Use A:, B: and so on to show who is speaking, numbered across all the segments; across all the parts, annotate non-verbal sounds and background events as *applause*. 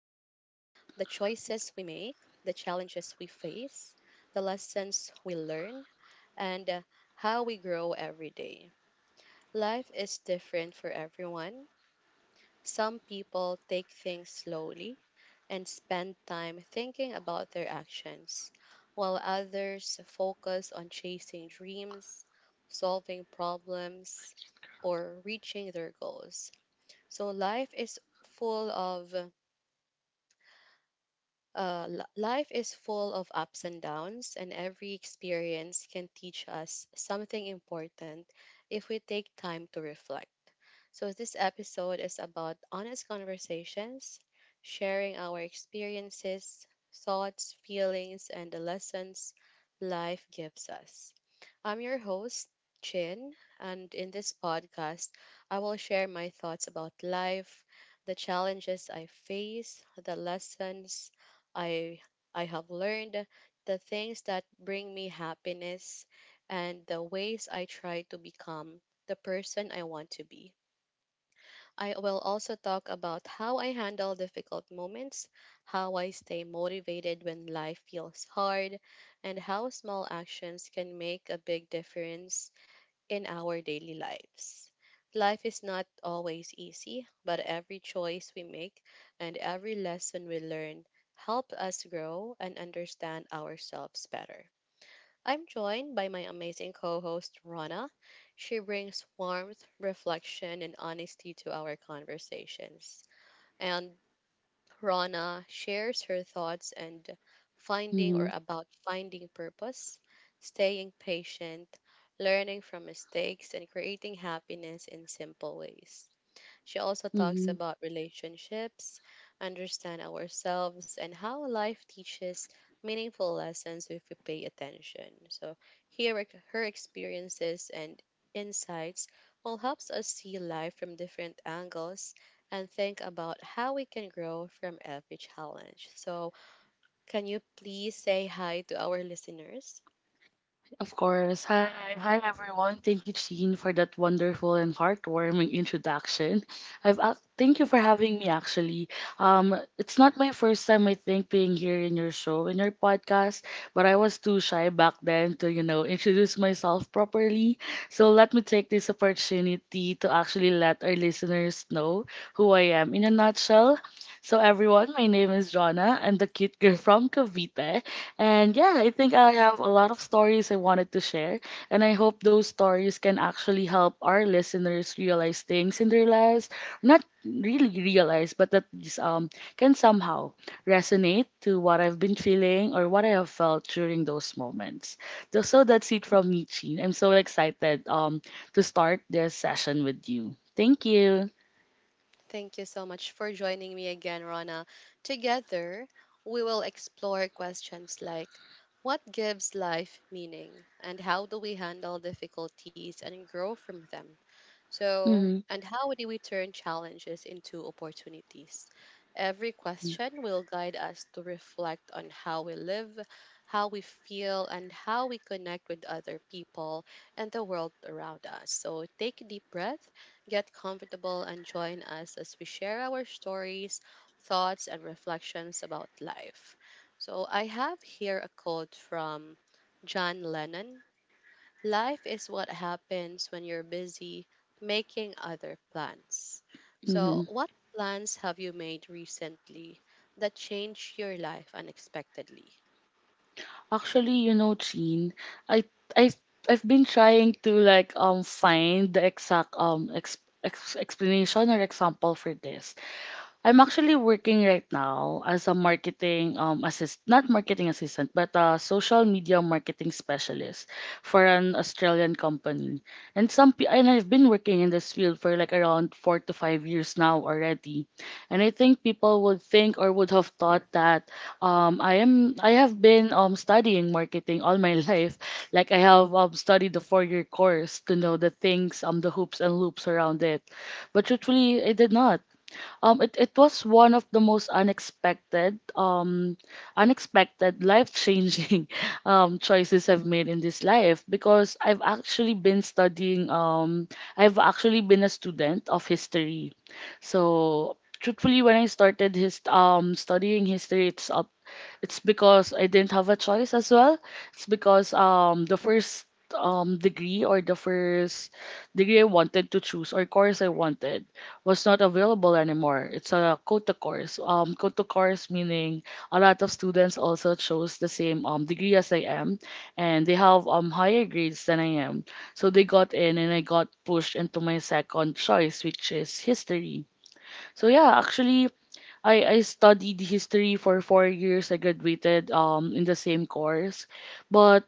A: choices we make, the challenges we face, the lessons we learn, and how we grow every day. Life is different for everyone. Some people take things slowly and spend time thinking about their actions, while others focus on chasing dreams, solving problems, or reaching their goals. So life is full of ups and downs, and every experience can teach us something important if we take time to reflect. So, this episode is about honest conversations, sharing our experiences, thoughts, feelings, and the lessons life gives us. I'm your host, Chin, and in this podcast, I will share my thoughts about life, the challenges I face, the lessons I, I have learned, the things that bring me happiness, and the ways I try to become the person I want to be. I will also talk about how I handle difficult moments, how I stay motivated when life feels hard, and how small actions can make a big difference in our daily lives. Life is not always easy, but every choice we make and every lesson we learn help us grow and understand ourselves better. I'm joined by my amazing co host, Rana. She brings warmth, reflection, and honesty to our conversations. And Rana shares her thoughts and finding or
B: Mm-hmm.
A: about finding purpose, staying patient, learning from mistakes, and creating happiness in simple ways. She also talks
B: Mm-hmm.
A: about relationships, understand ourselves, and how life teaches meaningful lessons if we pay attention. So here are her experiences and insights will helps us see life from different angles and think about how we can grow from every challenge. So can you please say hi to our listeners?
B: Of course. Hi everyone. Thank you, Sheen, for that wonderful and heartwarming introduction. I've ac Thank you for having me. Actually, it's not my first time I think being here in your show, in your podcast, but I was too shy back then to introduce myself properly. So let me take this opportunity to actually let our listeners know who I am in a nutshell. So everyone, my name is Jonna. I'm the cute girl *laughs* from Cavite. And yeah, I think I have a lot of stories I wanted to share. And I hope those stories can actually help our listeners realize things in their lives. Not really realize, but at least can somehow resonate to what I've been feeling or what I have felt during those moments. So that's it from me, Chin. I'm so excited to start this session with you. Thank you.
A: Thank you so much for joining me again, Rana. Together, we will explore questions like what gives life meaning and how do we handle difficulties and grow from them? So,
B: Mm-hmm.
A: and how do we turn challenges into opportunities? Every question will guide us to reflect on how we live, how we feel, and how we connect with other people and the world around us. So, take a deep breath, get comfortable, and join us as we share our stories, thoughts, and reflections about life. So, I have here a quote from John Lennon. Life is what happens when you're busy making other plans. So,
B: Mm-hmm.
A: what plans have you made recently that changed your life unexpectedly?
B: Actually, you know, Jean, I I I've been trying to like find the exact explanation or example for this. I'm actually working right now as a marketing assist not marketing assistant but a social media marketing specialist for an Australian company. And I've been working in this field for like around 4 to 5 years now already. And I think people would think or would have thought that um I am I have been studying marketing all my *laughs* life. Like I have studied the 4-year course to know the things the hoops and loops around it. But truthfully, I did not. It was one of the most unexpected, life-changing *laughs* choices I've made in this life because I've actually been studying. I've actually been a student of history, so truthfully, when I started his studying history, it's because I didn't have a choice as well. It's because the first degree I wanted to choose or course I wanted was not available anymore. It's a quota course. Quota course meaning a lot of students also chose the same degree as I am, and they have higher grades than I am. So they got in, and I got pushed into my second choice, which is history. So yeah, actually, I studied history for 4 years. I graduated in the same course, but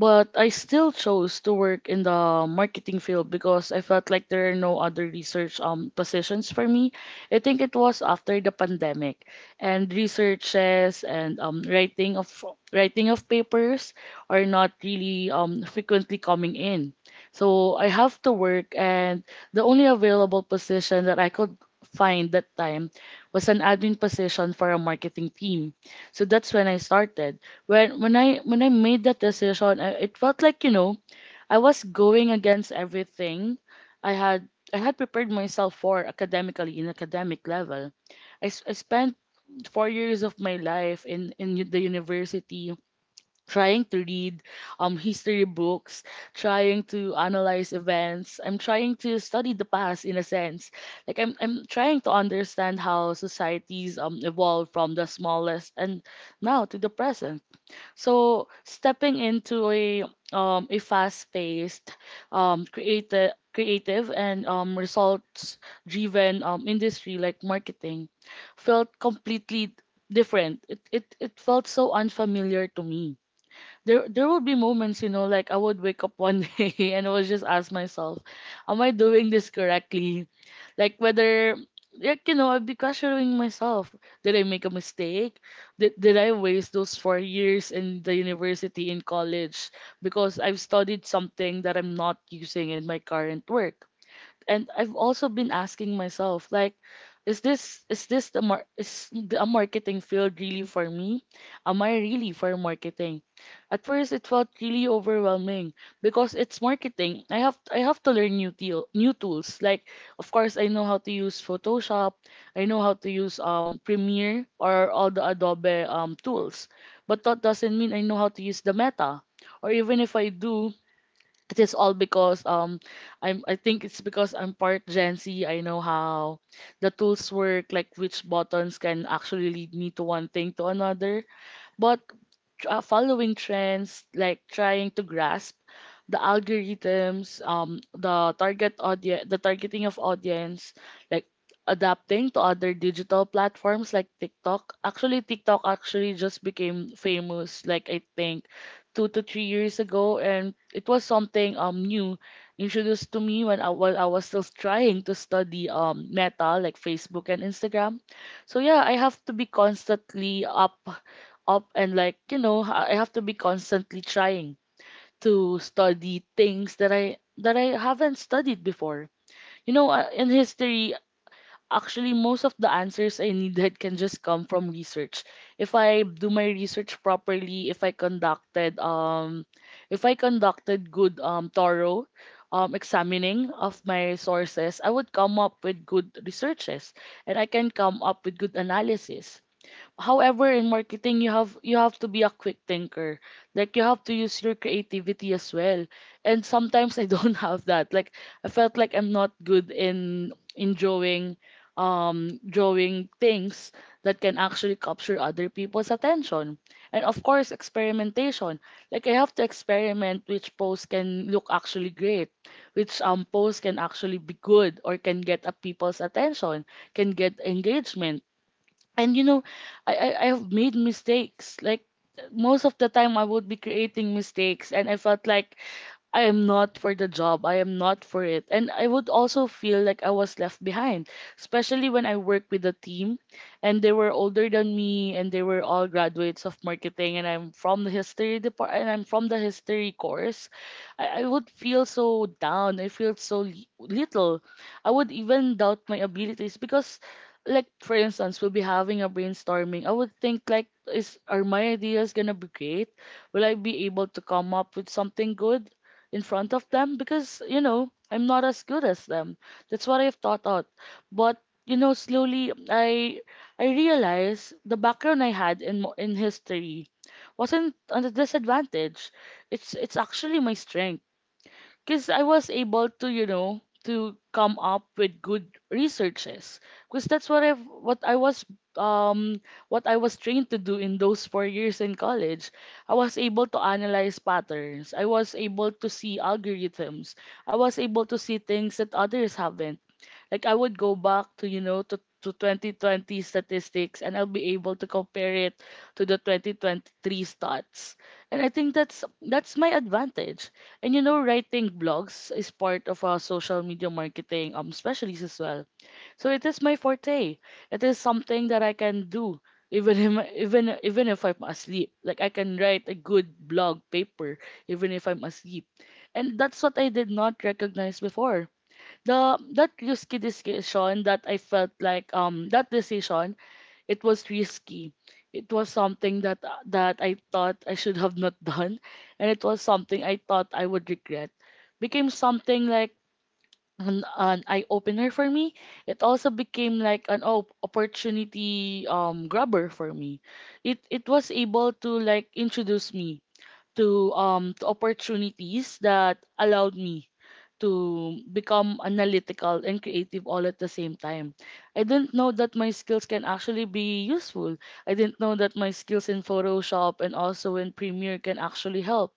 B: I still chose to work in the marketing field because I felt like there are no other research positions for me. I think it was after the pandemic and researches and writing of papers are not really frequently coming in. So I have to work, and the only available position that I could find that time was an admin position for a marketing team. So that's when I started. When I made that decision, it felt like you know I was going against everything I had prepared myself for academically, in academic level. I spent 4 years of my life in the university trying to read history books, trying to analyze events, I'm trying to study the past in a sense, like I'm trying to understand how societies evolve from the smallest and now to the present. So stepping into a fast-paced, creative, and results-driven industry like marketing felt completely different. It felt so unfamiliar to me. There would be moments, you know, like I would wake up one *laughs* day and I would just ask myself, am I doing this correctly? Like whether like you know, I'd be questioning myself. Did I make a mistake? Did I waste those 4 years in the university, in college, because I've studied something that I'm not using in my current work? And I've also been asking myself like is the, a marketing field really for me? Am I really for marketing? At first it felt really overwhelming because it's marketing. I have to learn new tools. Like of course I know how to use Photoshop. I know how to use Premiere or all the Adobe tools, but that doesn't mean I know how to use the meta. Or even if I do, it is all because I think it's because I'm part Gen Z. I know how the tools work, like which buttons can actually lead me to one thing to another. But following trends, like trying to grasp the algorithms, the target audience, the targeting of audience, like adapting to other digital platforms like TikTok. Actually, TikTok actually just became famous, like I think 2 to 3 years ago, and it was something new introduced to me when I while I was still trying to study Meta, like Facebook and Instagram. So yeah, I have to be constantly up and like I have to be constantly trying to study things that I haven't studied before. You know, in history, actually most of the answers I needed can just come from research. If I do my research properly, if I conducted good thorough examining of my sources, I would come up with good researches and I can come up with good analysis. However, in marketing, you have to be a quick thinker. Like you have to use your creativity as well. And sometimes I don't *laughs* have that. Like I felt like I'm not good in drawing things that can actually capture other people's attention. And of course, experimentation. Like I have to experiment which pose can look actually great, which pose can actually be good or can get a people's attention, can get engagement. And you know, I have made mistakes. Like most of the time I would be creating mistakes, and I felt like I am not for the job. I am not for it. And I would also feel like I was left behind, especially when I work with a team and they were older than me and they were all graduates of marketing, and I'm from the history department and I'm from the history course. I would feel so down. I feel so little. I would even doubt my abilities because like for instance we'll be having a brainstorming, I would think like is are my ideas gonna be great? Will I be able to come up with something good in front of them, because you know I'm not as good as them? That's what I've thought out. But you know, slowly I realized the background I had in in history wasn't a disadvantage. It's actually my strength, because I was able to, you know, to come up with good researches. Because that's what I was um what I was trained to do in those 4 years in college. I was able to analyze patterns. I was able to see algorithms. I was able to see things that others haven't. Like I would go back to you know to 2020 statistics and I'll be able to compare it to the 2023 stats. And I think that's my advantage. And you know, writing blogs is part of our social media marketing specialties as well. So it is my forte. It is something that I can do even if, even if I'm asleep. Like I can write a good blog paper even if I'm asleep. And that's what I did not recognize before, the that risky decision. That I felt like that decision, it was risky. It was something that I thought I should have not *laughs* done, and it was something I thought I would regret. Became something like an eye opener for me. It also became like an opportunity grabber for me. It was able to like introduce me to opportunities that allowed me to become analytical and creative all at the same time. I didn't know that my skills can actually be useful. I didn't know that my skills in Photoshop and also in Premiere can actually help.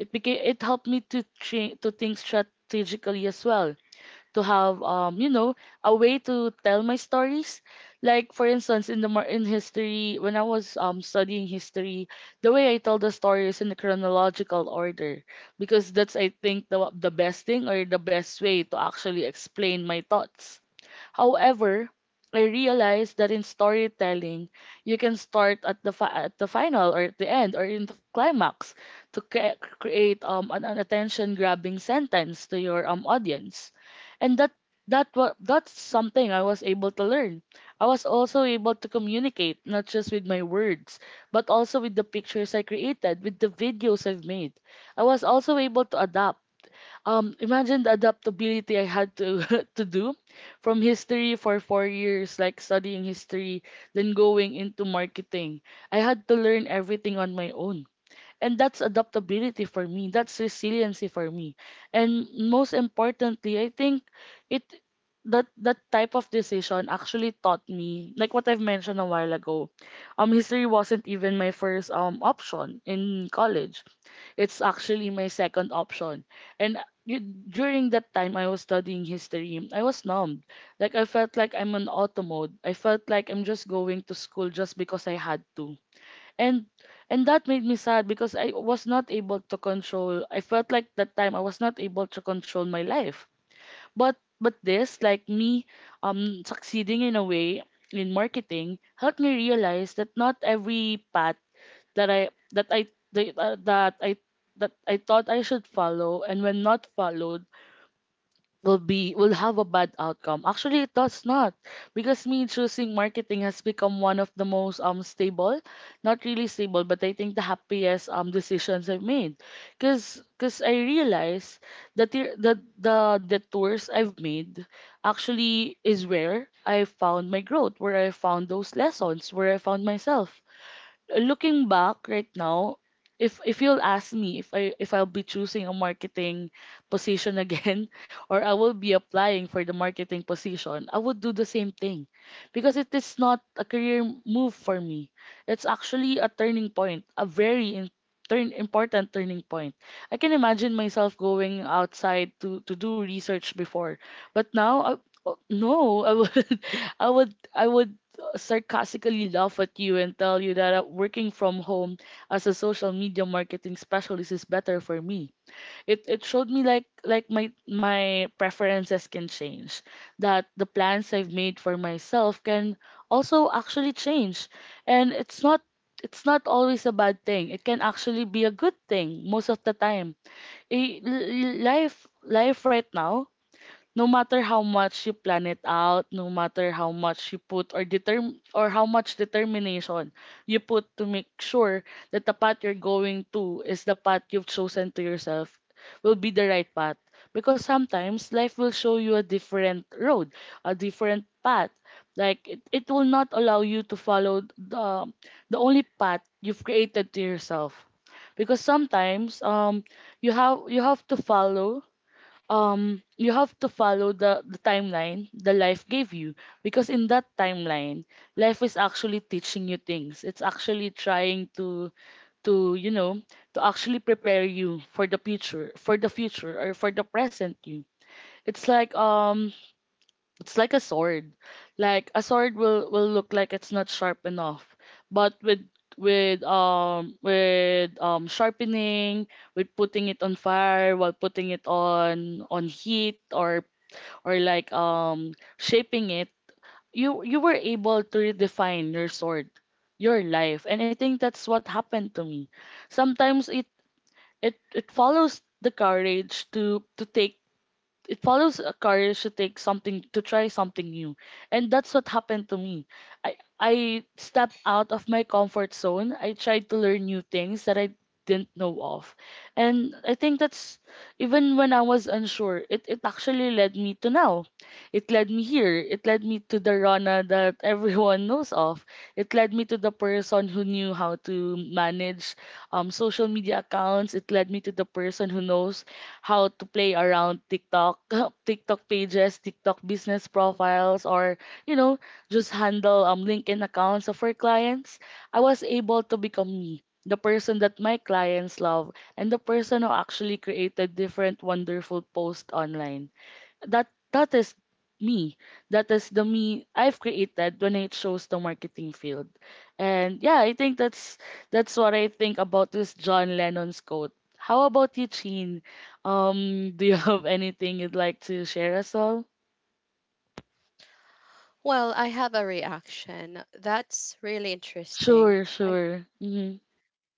B: It helped me to to think strategically as well, to have a way to tell my stories. Like for instance, in the in history, when I was studying history, the way I tell the story is in the chronological order, because that's, I think, the best thing, or the best way to actually explain my thoughts. However, I realized that in storytelling, you can start at the at the final, or at the end, or in the climax, to create an attention grabbing sentence to your audience, and that's something I was able to learn. I was also able to communicate not just with my words, but also with the pictures I created, with the videos I've made. I was also able to adapt. Imagine the adaptability I had to *laughs* to do, from history for 4 years, like studying history, then going into marketing. I had to learn everything on my own. And that's adaptability for me. That's resiliency for me. And most importantly, I think it that that type of decision actually taught me, like what I've mentioned a while ago. History wasn't even my first option in college. It's actually my second option. And you, during that time I was studying history, I was numbed. Like I felt like I'm on auto mode. I felt like I'm just going to school just because I had to, and and that made me sad because I was not able to control. I felt like that time I was not able to control my life. But this, like me succeeding in a way in marketing, helped me realize that not every path that I that I that, uh, that I that I thought I should follow, and when not followed, will have a bad outcome. Actually, it does not, because me choosing marketing has become one of the most stable, not really stable, but I think the happiest decisions I've made, cause cause I realize that the the tours I've made actually is where I found my growth, where I found those lessons, where I found myself. Looking back right now, if you'll ask me if I if I'll be choosing a marketing position again, *laughs* or I will be applying for the marketing position, I would do the same thing, because it is not a career move for me. It's actually a turning point, a very turn important turning point. I can imagine myself going outside to do research before, but now I, oh no, I would *laughs* I would I would sarcastically laugh at you and tell you that working from home as a social media marketing specialist is better for me. It showed me, like, like my preferences can change, that the plans I've made for myself can also actually change. And it's not, it's not always a bad thing. It can actually be a good thing most of the time. Life right now, no matter how much you plan it out, no matter how much you put, or determ or how much determination you put to make sure that the path you're going to is the path you've chosen to yourself, will be the right path. Because sometimes life will show you a different road, a different path. Like it will not allow you to follow the only path you've created to yourself. Because sometimes you have to follow, you have to follow the timeline the life gave you, because in that timeline, life is actually teaching you things. It's actually trying to, to you know to actually prepare you for the future, for the future or for the present you. It's like it's like a sword. Like a sword will look like it's not sharp enough, but with, with sharpening, with putting it on fire, while putting it on heat, or like shaping it, you were able to redefine your sword, your life. And I think that's what happened to me. Sometimes it follows the courage to take. It follows a career, to take something, to try something new. And that's what happened to me. I stepped out of my comfort zone. I tried to learn new things that I didn't know of. And I think that's, even when I was unsure, it actually led me to now. It led me here. It led me to the Rana that everyone *laughs* knows of. It led me to the person who knew how to manage, social media accounts. It led me to the person who knows how to play around TikTok, *laughs* TikTok pages, TikTok business profiles, or, you know, just handle, LinkedIn accounts of our clients. I was able to become me, the person that my clients love, and the person who actually created different wonderful posts online. That is me. That is the me I've created when it shows the marketing field. And yeah, I think that's what I think about this John Lennon's quote. How about you, Chin? Do you *laughs* have anything you'd like to share us all?
A: Well, I have a reaction. That's really interesting.
B: Sure, sure. Mm-hmm.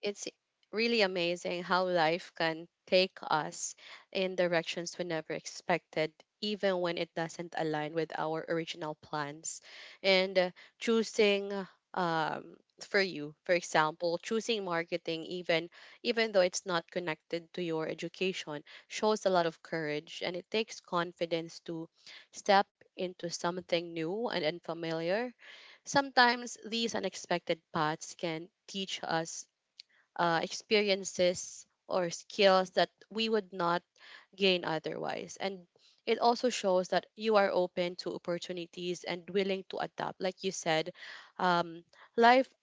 A: It's really amazing how life can take us in directions we never expected, even when it doesn't align with our original plans. And Choosing, um for you for example, choosing marketing even even though it's not connected to your education, shows a lot of courage, and it takes confidence to step into something new and unfamiliar. Sometimes these unexpected paths can teach us experiences or skills that we would not gain otherwise. And it also shows that you are open to opportunities and willing to adapt. Like you said, um, life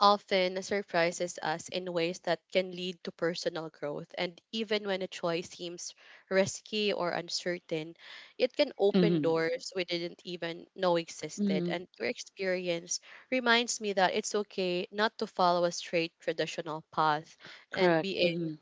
A: often surprises us in ways that can lead to personal growth. And even when a choice seems risky or uncertain, it can open
B: Mm-hmm.
A: doors we didn't even know existed.
B: Mm-hmm.
A: And your experience reminds me that it's okay not to follow a straight traditional path, and
B: Correct.
A: being
B: Mm-hmm.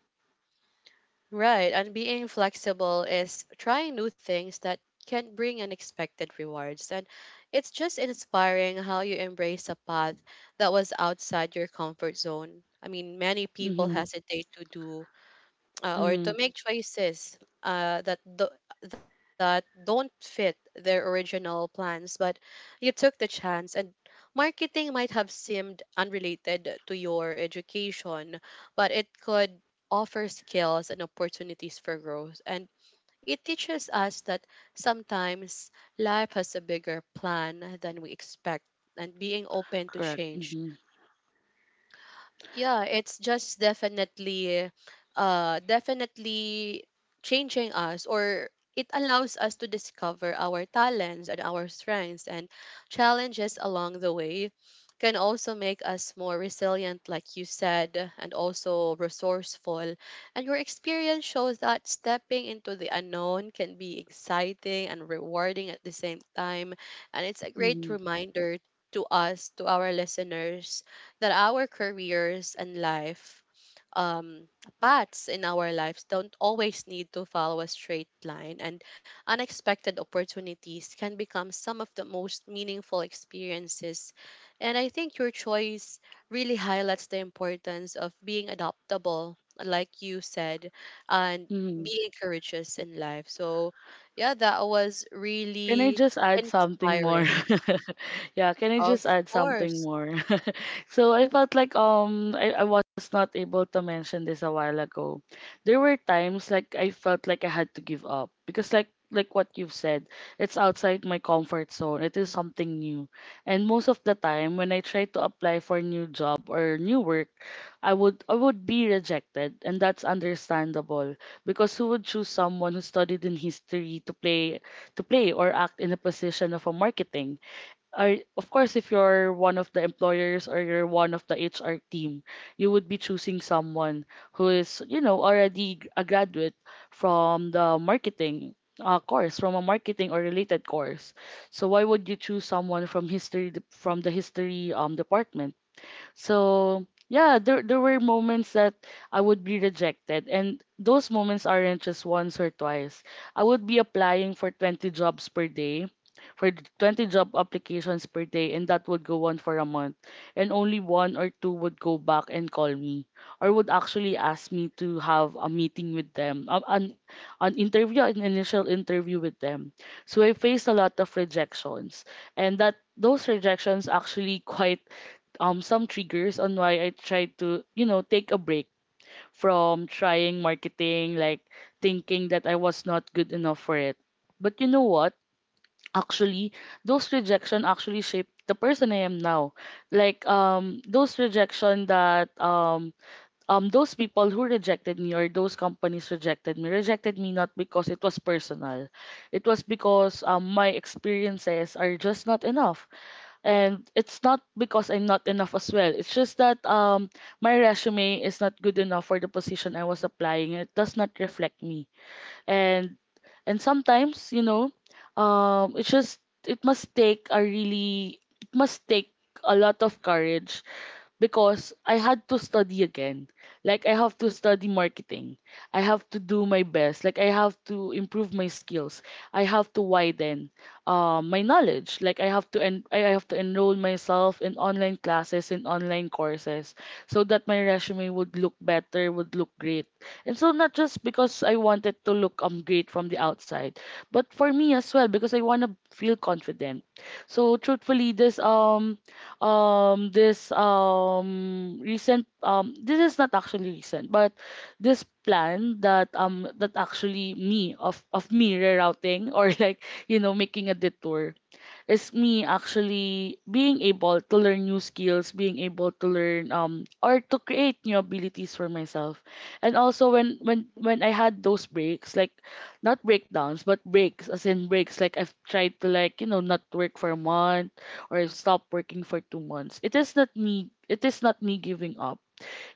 A: Right, and being flexible is trying new things that can bring unexpected rewards. And it's just inspiring how you embrace a path that was outside your comfort zone. I mean, many people
B: Mm-hmm.
A: hesitate to do or
B: Mm-hmm.
A: to make choices, uh, that do- that don't fit their original plans, but you took the chance. And marketing might have seemed unrelated to your education, but it could offer skills and opportunities for growth. And it teaches us that sometimes life has a bigger plan than we expect, and being open to
B: Correct.
A: change,
B: Mm-hmm.
A: yeah, it's just definitely changing us, or it allows us to discover our talents and our strengths, and challenges along the way can also make us more resilient, like you said, and also resourceful. And your experience shows that stepping into the unknown can be exciting and rewarding at the same time, and it's a great reminder to us, to our listeners, that our careers and life, um, paths in our lives don't always need to follow a straight line, and unexpected opportunities can become some of the most meaningful experiences. And I think your choice really highlights the importance of being adaptable, like you said, and
B: Mm-hmm.
A: being courageous in life. So, yeah, that was
B: Can I
A: really
B: just add something more?
A: inspiring.
B: *laughs* Yeah, can I just
A: Of
B: add something
A: course.
B: more? *laughs* So I felt like, I was not able to mention this a while ago. There were times like I felt like I had to give up, because like what you've said, it's outside my comfort zone. It is something new. And most of the time when I try to apply for new job or new work, I would be rejected, and that's understandable, because who would choose someone who studied in history to play, or act in a position of a marketing. Or of course, if you're one of the employers, or you're one of the HR team, you would be choosing someone who is, you know, already a graduate from the marketing course, from a marketing or related course. So why would you choose someone from history from the history department? So yeah, there were moments that I would be rejected, and those moments aren't just once or twice. I would be applying for 20 jobs per day, for 20 job applications per day, and that would go on for a month, and only one or two would go back and call me, or would actually ask me to have a meeting with them, an interview, an initial interview with them. So I faced a lot of rejections, and that those rejections actually *laughs* quite some triggers on why I tried to, you know, take a break from trying marketing, like thinking that I was not good enough for it. But you know what? Actually, those rejection actually shaped the person I am now. Like those rejection that those people who rejected me, or those companies rejected me, rejected me not because it was personal. It was because my experiences are just not enough, and it's not because I'm not enough as well. It's just that my resume is not good enough for the position I was applying. It does not reflect me. and and sometimes, you know, it's just, it must take a lot of courage, because I had to study again. Like I have to study marketing. I have to do my best. Like I have to improve my skills. I have to widen, my knowledge. Like I have to I have to enroll myself in online classes, in online courses, so that my resume would look better, would look great. And so not just because I wanted to look great from the outside, but for me as well, because I want to feel confident. So truthfully, this this recent this is not actually recent, but this plan that, that actually me, of me rerouting, or *laughs* like, you know, making a detour, is me actually being able to learn new skills, being able to learn, or to create new abilities for myself. And also, when I had those breaks, like, not breakdowns, but breaks, as in breaks, like I've tried to, like, you know, not work for a month, or stop working for 2 months. It is not me giving up.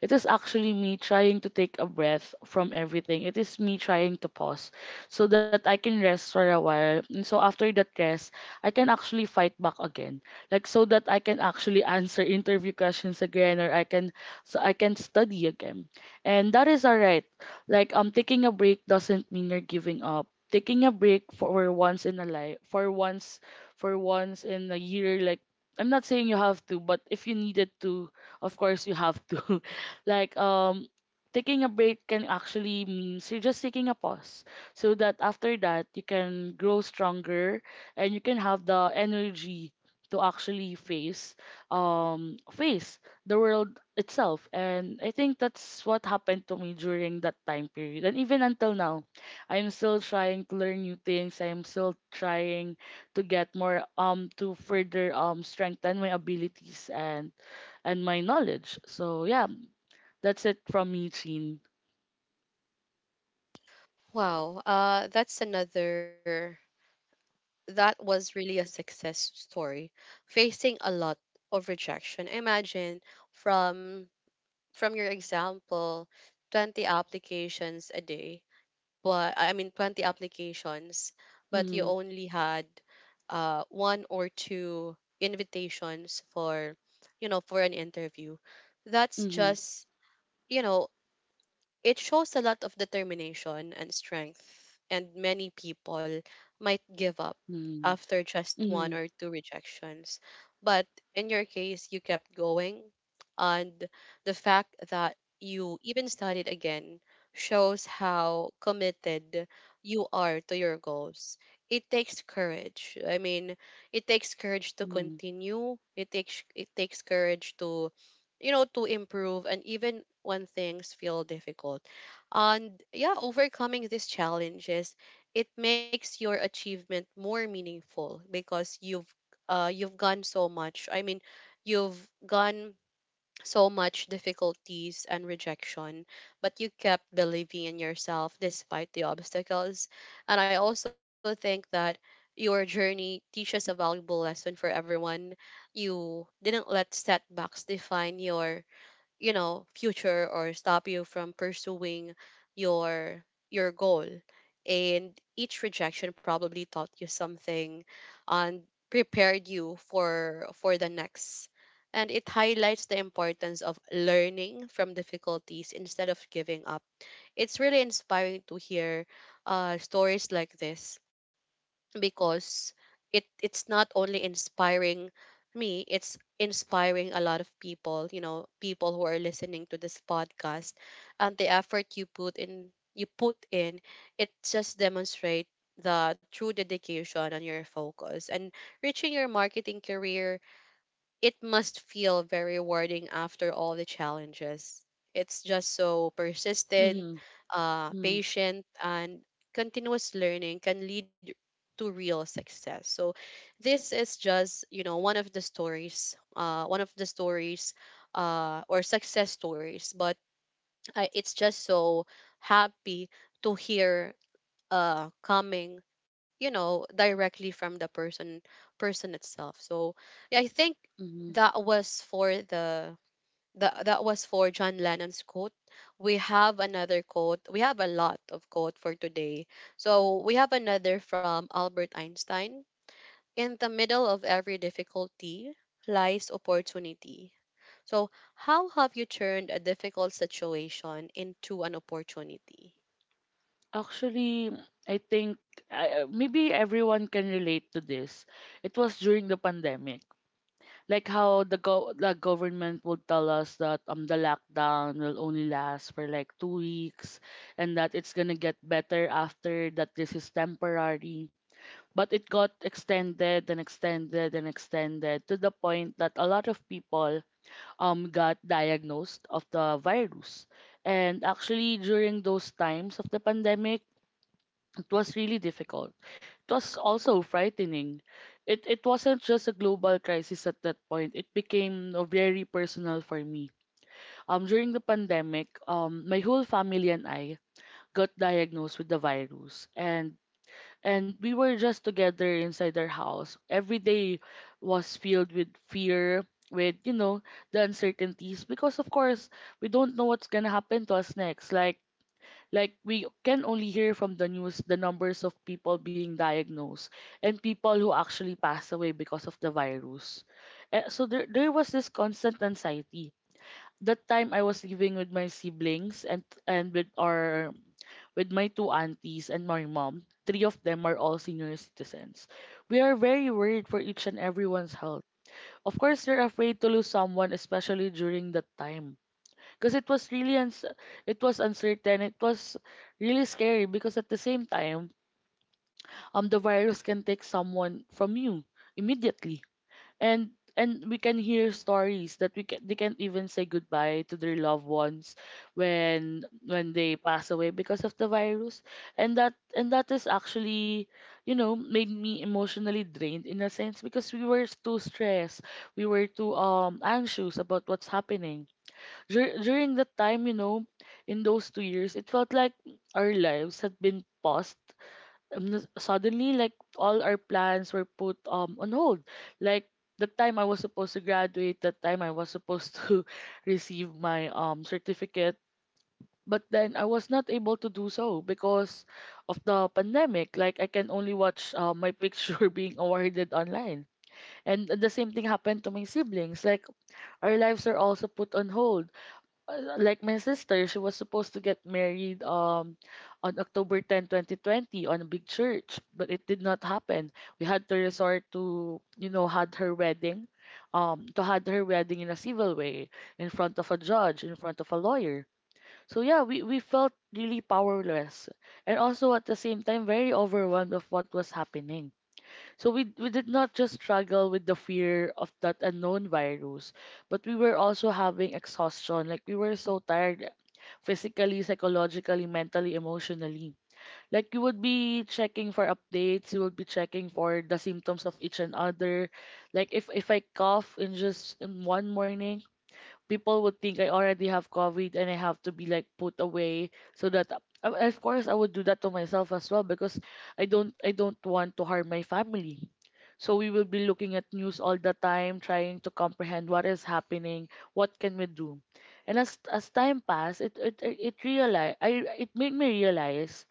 B: It is actually me trying to take a breath from everything. It is me trying to pause, so that I can rest for a while. And so after that rest, I can actually fight back again. Like so that I can actually answer interview questions again, or I can, so I can study again. And that is alright. Like taking a break doesn't mean you're giving up. Taking a break for once in a life, for once in a year, like, I'm not saying you have to, but if you needed to, of course you have to. *laughs* like um taking a break can actually means you're just taking a pause so that after that you can grow stronger, and you can have the energy to actually face um face the world itself. And I think that's what happened to me during that time period, and even until now I'm still trying to learn new things. I'm still trying to get more, to further strengthen my abilities and my knowledge. So yeah, that's it from me, Jean.
A: Wow, that's another, that was really a success story, facing a lot of rejection. Imagine, from from your example, 20 applications a day, but I mean 20 applications, but you
B: Mm-hmm.
A: only had one or two invitations for, you know, for an interview. That's
B: Mm-hmm.
A: just, you know, it shows a lot of determination and strength, and many people might give up
B: Mm-hmm.
A: after just one
B: Mm-hmm.
A: or two rejections. But in your case, you kept going, and the fact that you even studied again shows how committed you are to your goals. It takes courage. I mean, it takes courage to
B: Mm-hmm.
A: continue. It takes courage to, you know, to improve, and even when things feel difficult, and yeah, overcoming these challenges, it makes your achievement more meaningful because you've gone so much. I mean, you've gone so much difficulties and rejection, but you kept believing in yourself despite the obstacles. And I also think that your journey teaches a valuable lesson for everyone. You didn't let setbacks define your, you know, future or stop you from pursuing your your goal, and each rejection probably taught you something and prepared you for the next, and it highlights the importance of learning from difficulties instead of giving up. It's really inspiring to hear stories like this, because it, it's not only inspiring me, it's inspiring a lot of people, you know, people who are listening to this podcast. And the effort you put in, it just demonstrate the true dedication and your focus and reaching your marketing career. It must feel very rewarding after all the challenges. It's just so persistent,
B: Mm-hmm. Mm-hmm.
A: patient, and continuous learning can lead to real success. So, this is just, you know, one of the stories, or success stories. But I, it's just so happy to hear coming, you know, directly from the person, person itself. So yeah, I think
B: Mm-hmm.
A: that was for the that, that was for John Lennon's quote. We have another quote. We have a lot of quote for today. So we have another from Albert Einstein. In the middle of every difficulty lies opportunity. So how have you turned a difficult situation into an opportunity?
B: Actually, I think maybe everyone can relate to this. It was during the pandemic. Like how the go the government would tell us that the lockdown will only last for like 2 weeks, and that it's gonna get better after that. This is temporary. But it got extended and extended and extended to the point that a lot of people got diagnosed of the virus. And actually during those times of the pandemic, it was really difficult. It was also frightening. It wasn't just a global crisis at that point. It became, very personal for me. During the pandemic, my whole family and I got diagnosed with the virus, and we were just together inside our house. Every day was filled with fear, with, you know, the uncertainties, because of course we don't know what's gonna happen to us next. Like we can only hear from the news the numbers of people being diagnosed and people who actually pass away because of the virus. So there was this constant anxiety. That time I was living with my siblings, and with our with my two aunties and my mom. Three of them are all senior citizens. We are very worried for each and everyone's health. Of course, you're afraid to lose someone, especially during that time, because it was really it was uncertain. It was really scary, because at the same time the virus can take someone from you immediately. And we can hear stories that they can't even say goodbye to their loved ones when they pass away because of the virus. And that is actually, you know, made me emotionally drained in a sense because we were too stressed. We were too anxious about what's happening. During that time, you know, in those 2 years, it felt like our lives had been paused. Suddenly, like all our plans were put on hold. Like the time I was supposed to graduate, the time I was supposed *laughs* to receive my certificate, but then I was not able to do so because of the pandemic. Like I can only watch, my picture *laughs* being awarded online. And the same thing happened to my siblings. Like our lives are also put on hold. Like my sister, she was supposed to get married on October 10, 2020 on a big church, but it did not happen. We had to resort to, you know, to had her wedding in a civil way, in front of a judge, in front of a lawyer. So yeah, we felt really powerless, and also at the same time very overwhelmed of what was happening. So we did not just struggle with the fear of that unknown virus, but we were also having exhaustion. Like we were so tired physically, psychologically, mentally, emotionally. Like you would be checking for updates, you would be checking for the symptoms of each and other. Like if I cough in just in one morning, people would think I already have COVID, and I have to be like put away, so that, of course I would do that to myself as well, because I don't want to harm my family. So we will be looking at news all the time, trying to comprehend what is happening, what can we do. And as time passed, it made me realize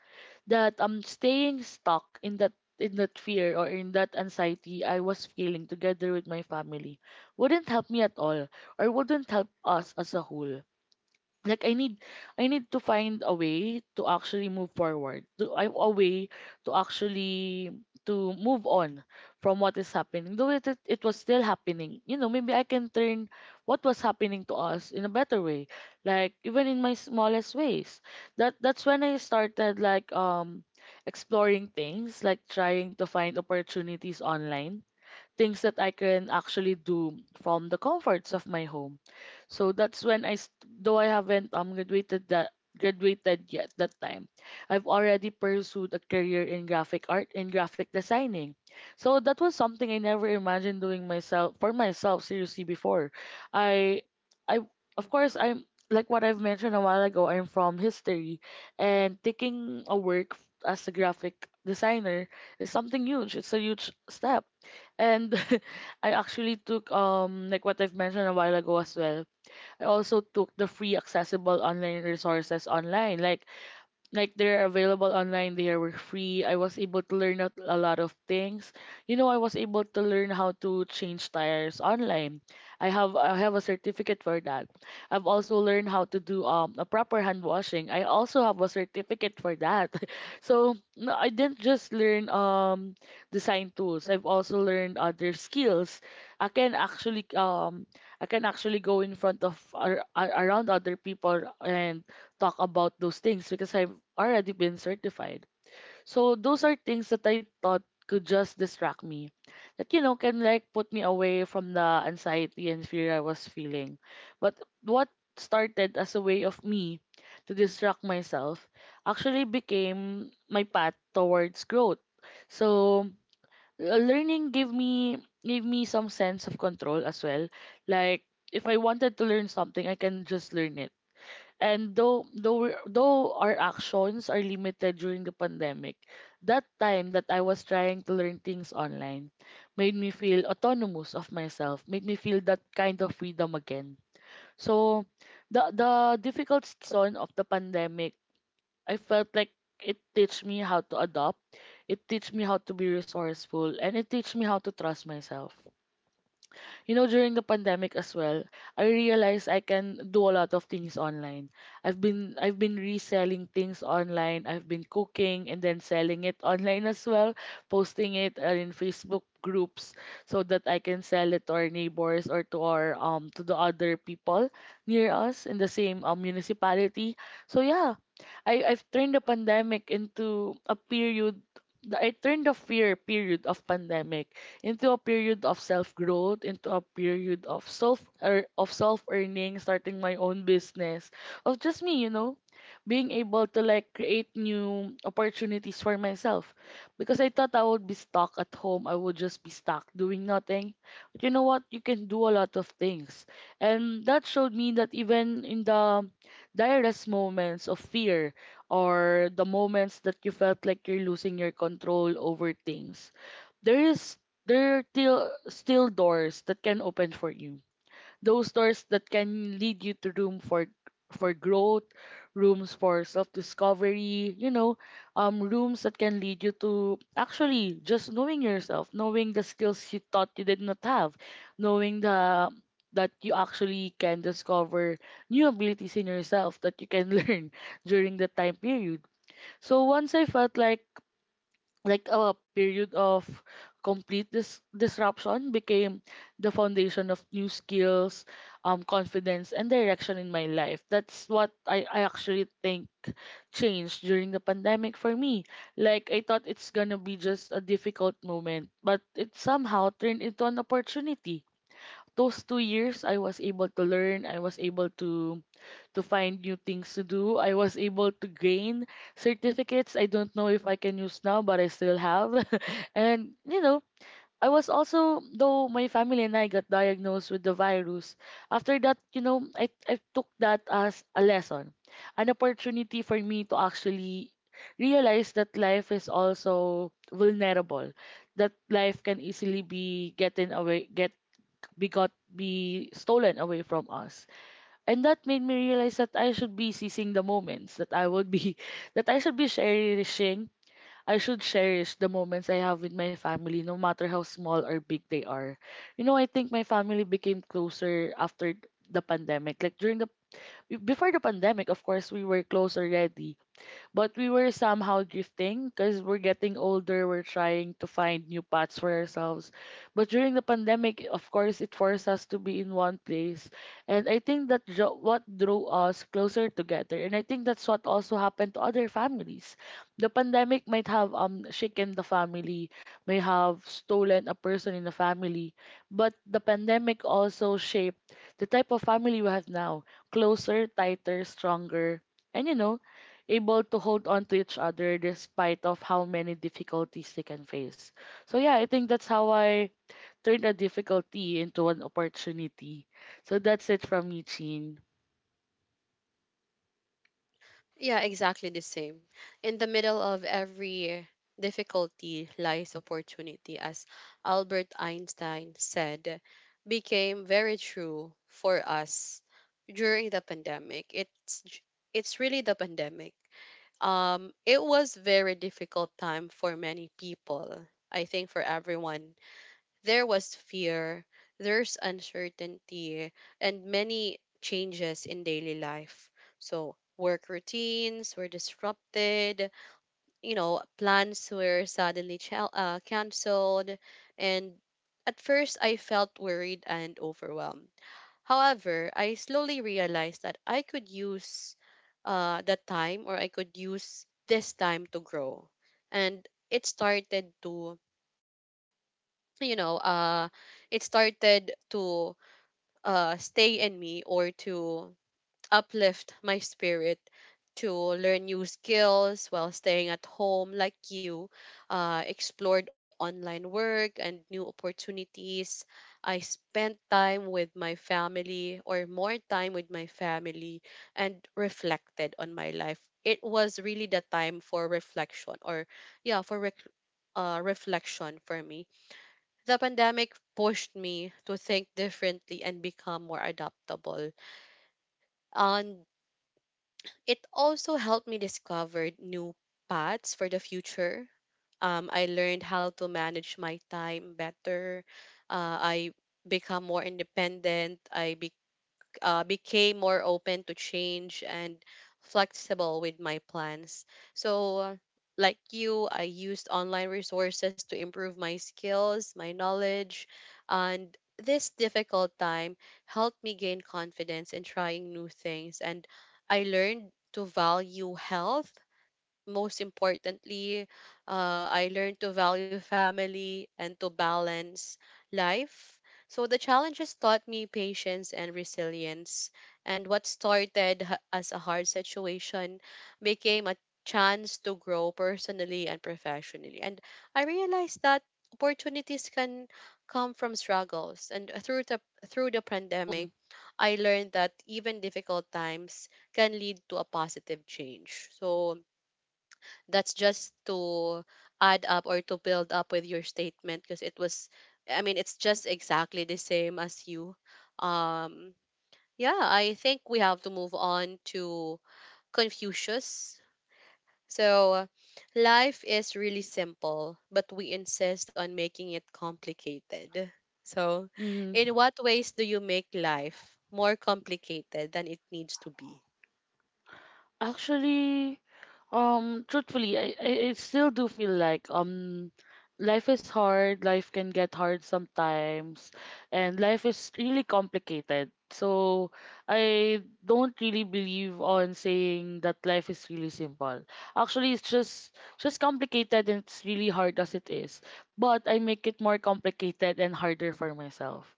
B: that staying stuck in that fear, or in that anxiety I was feeling together with my family, wouldn't help me at all, or wouldn't help us as a whole. Like I need to find a way to actually move forward, to a way to actually to move on from what is happening, though it was still happening. You know, maybe I can turn what was happening to us in a better way, like even in my smallest ways. That that's when I started like, exploring things, like trying to find opportunities online, things that I can actually do from the comforts of my home. So that's when though I haven't, graduated yet that time, I've already pursued a career in graphic art and graphic designing. So that was something I never imagined doing myself for myself seriously before. I, I of course I'm like what I've mentioned a while ago. I'm from history, and taking a as a graphic designer is something huge. It's a huge step, and *laughs* I actually took like what I've mentioned a while ago as well. I also took the free accessible online resources online. Like they're available online. They were free. I was able to learn a lot of things. You know, I was able to learn how to change tires online. I have a certificate for that. I've also learned how to do a proper hand washing. I also have a certificate for that. *laughs* So no, I didn't just learn design tools. I've also learned other skills. i can actually um I can actually go in front of around other people and talk about those things, because I've already been certified. So those are things that I thought could just distract me. That, you know, can like put me away from the anxiety and fear I was feeling. But what started as a way of me to distract myself actually became my path towards growth. So, learning gave me some sense of control as well. Like if I wanted to learn something, I can just learn it. And though though we're- though our actions are limited during the pandemic, that time that I was trying to learn things online made me feel autonomous of myself, made me feel that kind of freedom again. So the difficult season of the pandemic, I felt like it teach me how to adopt, it teach me how to be resourceful, and it teach me how to trust myself. You know, during the pandemic as well, I realized I can do a lot of things online. I've been reselling things online. I've been cooking and then selling it online as well, posting it, in Facebook groups, so that I can sell it to our neighbors, or to our to the other people near us in the same, municipality. So yeah, I've turned the pandemic into a period the- I turned the fear period of pandemic into a period of self growth, into a period of self earning, starting my own business, of just me, you know, being able to like create new opportunities for myself. Because I thought I would be stuck at home, I would just be stuck doing nothing. But you know what? You can do a lot of things, and that showed me that even in the direst moments of fear, or the moments that you felt like you're losing your control over things, there is there are still doors that can open for you, those doors that can lead you to room for growth, rooms for self-discovery, you know, rooms that can lead you to actually just knowing yourself, knowing the skills you thought you did not have, knowing the that you actually can discover new abilities in yourself that you can *laughs* learn during the time period. So once I felt like a period of complete disruption became the foundation of new skills, confidence and direction in my life. That's what I actually think changed during the pandemic for me. Like I thought it's gonna be just a difficult moment, but it somehow turned into an opportunity. Those 2 years I was able to learn, I was able to find new things to do. I was able to gain certificates I don't know if I can use now but I still have. *laughs* And you know, I was also though my family and I got diagnosed with the virus. After that, you know, I took that as a lesson, an opportunity for me to actually realize that life is also vulnerable. That life can easily be getting away get be got be stolen away from us, and that made me realize that I should be seizing the moments that I would be *laughs* that I should be cherishing I should cherish the moments I have with my family no matter how small or big they are. You know, I think my family became closer after the pandemic. Like during the before the pandemic, of course, we were close already, but we were somehow drifting because we're getting older. We're trying to find new paths for ourselves. But during the pandemic, of course, it forced us to be in one place. And I think that what drew us closer together. And I think that's what also happened to other families. The pandemic might have shaken the family, may have stolen a person in the family, but the pandemic also shaped the type of family we have now. Closer, tighter, stronger. And, you know, able to hold on to each other despite of how many difficulties they can face. So yeah, I think that's how I turned a difficulty into an opportunity. So that's it from me, Chin.
A: Yeah, exactly the same. In the middle of every difficulty lies opportunity, as Albert Einstein said, became very true for us during the pandemic. It's really the pandemic. It was very difficult time for many people. I think for everyone there was fear, there's uncertainty, and many changes in daily life. So, work routines were disrupted, you know, plans were suddenly canceled, and at first I felt worried and overwhelmed. However, I slowly realized that I could use that time, or I could use this time to grow. And it started to, you know uh it started to, stay in me, or to uplift my spirit, to learn new skills while staying at home. Like you, explored online work and new opportunities. I spent time with my family, or more time with my family, and reflected on my life. It was really the time for reflection, or yeah, reflection for me. The pandemic pushed me to think differently and become more adaptable. And it also helped me discover new paths for the future. I learned how to manage my time better. I become more independent. I became more open to change and flexible with my plans. So, like you, I used online resources to improve my skills, my knowledge, and this difficult time helped me gain confidence in trying new things. And I learned to value health, most importantly, I learned to value family and to balance life. So the challenges taught me patience and resilience. And what as a hard
B: Mm-hmm.
A: situation
B: Right.
A: became a chance to
B: So yeah,
A: grow
B: I think
A: personally and
B: that's what I've
A: professionally.
B: also
A: And
B: learned.
A: I realized that
B: I've also learned how
A: opportunities
B: to
A: can
B: balance
A: come from
B: life, how
A: struggles.
B: to
A: And through
B: balance.
A: the,
B: Yes.
A: through the
B: Mm-hmm.
A: pandemic, I learned that even difficult times can lead to a positive change. So that's just to add up or to build up with your statement, because it was, I mean, it's just exactly the same as you. Um yeah, I think we have to move on to Confucius. So life is really simple, but we insist on making it complicated. So
B: Mm-hmm.
A: in what ways do you make life more complicated than it needs to be?
B: Actually, truthfully, I still do feel like life is hard, life can get hard sometimes, and life is really complicated. So I don't really believe on saying that life is really simple. Actually, it's just complicated and it's really hard as it is. But I make it more complicated and harder for myself.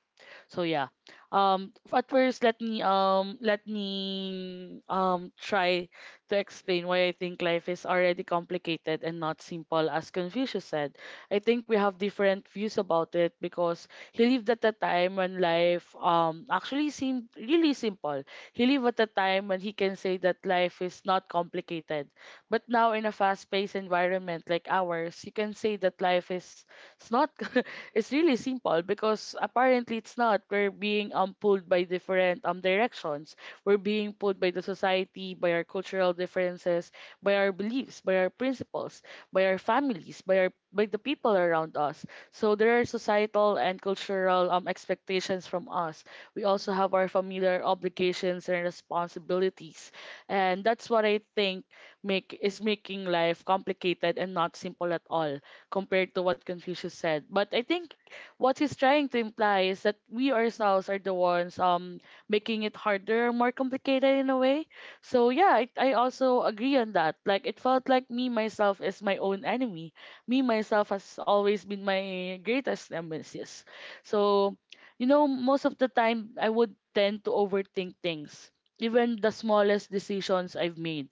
B: So yeah. At first, let me try to explain why I think life is already complicated and not simple as Confucius said. I think we have different views about it because he lived at a time when life actually seemed really simple. He lived at a time when he can say that life is not complicated. But now in a fast-paced environment like ours, you can say that life is it's not *laughs* it's really simple, because apparently it's not. We're being pulled by different directions. We're being pulled by the society, by our cultural differences, by our beliefs, by our principles, by our families, by the people around us. So there are societal and cultural expectations from us. We also have our familiar obligations and responsibilities. And that's what I think make is making life complicated and not simple at all compared to what Confucius said. But I think what he's trying to imply is that we ourselves are the ones making it harder, more complicated in a way. So yeah, I also agree on that. Like it felt like me myself is my own enemy. Me myself has always been my greatest nemesis. So, you know, most of the time I would tend to overthink things, even the smallest decisions I've made.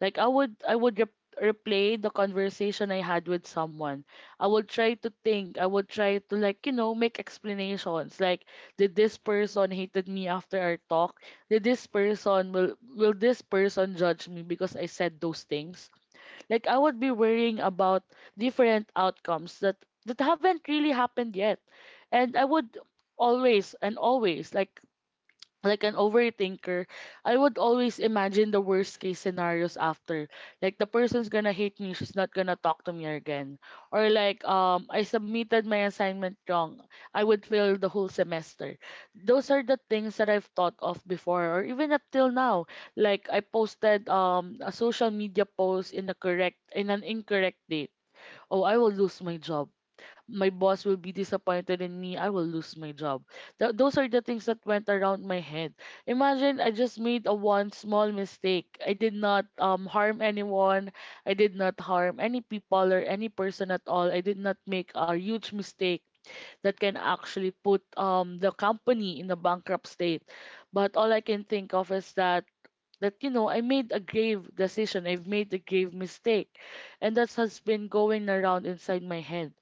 B: Like I would replay the conversation I had with someone. I would try to think. I would try to, like, you know, make explanations. Like, did this person hated me after our talk? Did this person will this person judge me because I said those things? Like I would be worrying about different outcomes that haven't really happened yet. And I would always and always like an overthinker, I would always imagine the worst case scenarios after. Like, the person's gonna hate me, she's not gonna talk to me again. Or like, I submitted my assignment wrong. I would fail the whole semester. Those are the things that I've thought of before or even up till now. Like, I posted a social media post in a correct in an incorrect date. Oh, I will lose my job, my boss will be disappointed in me. I will lose my job. Those are the things that went around my head. Imagine, I just made a one small mistake. I did not harm anyone. I did not harm any people or any person at all. I did not make a huge mistake that can actually put, the company in a bankrupt state. But all I can think of is that, you know, I made a grave decision. I've made a grave mistake, and that has been going around inside my head.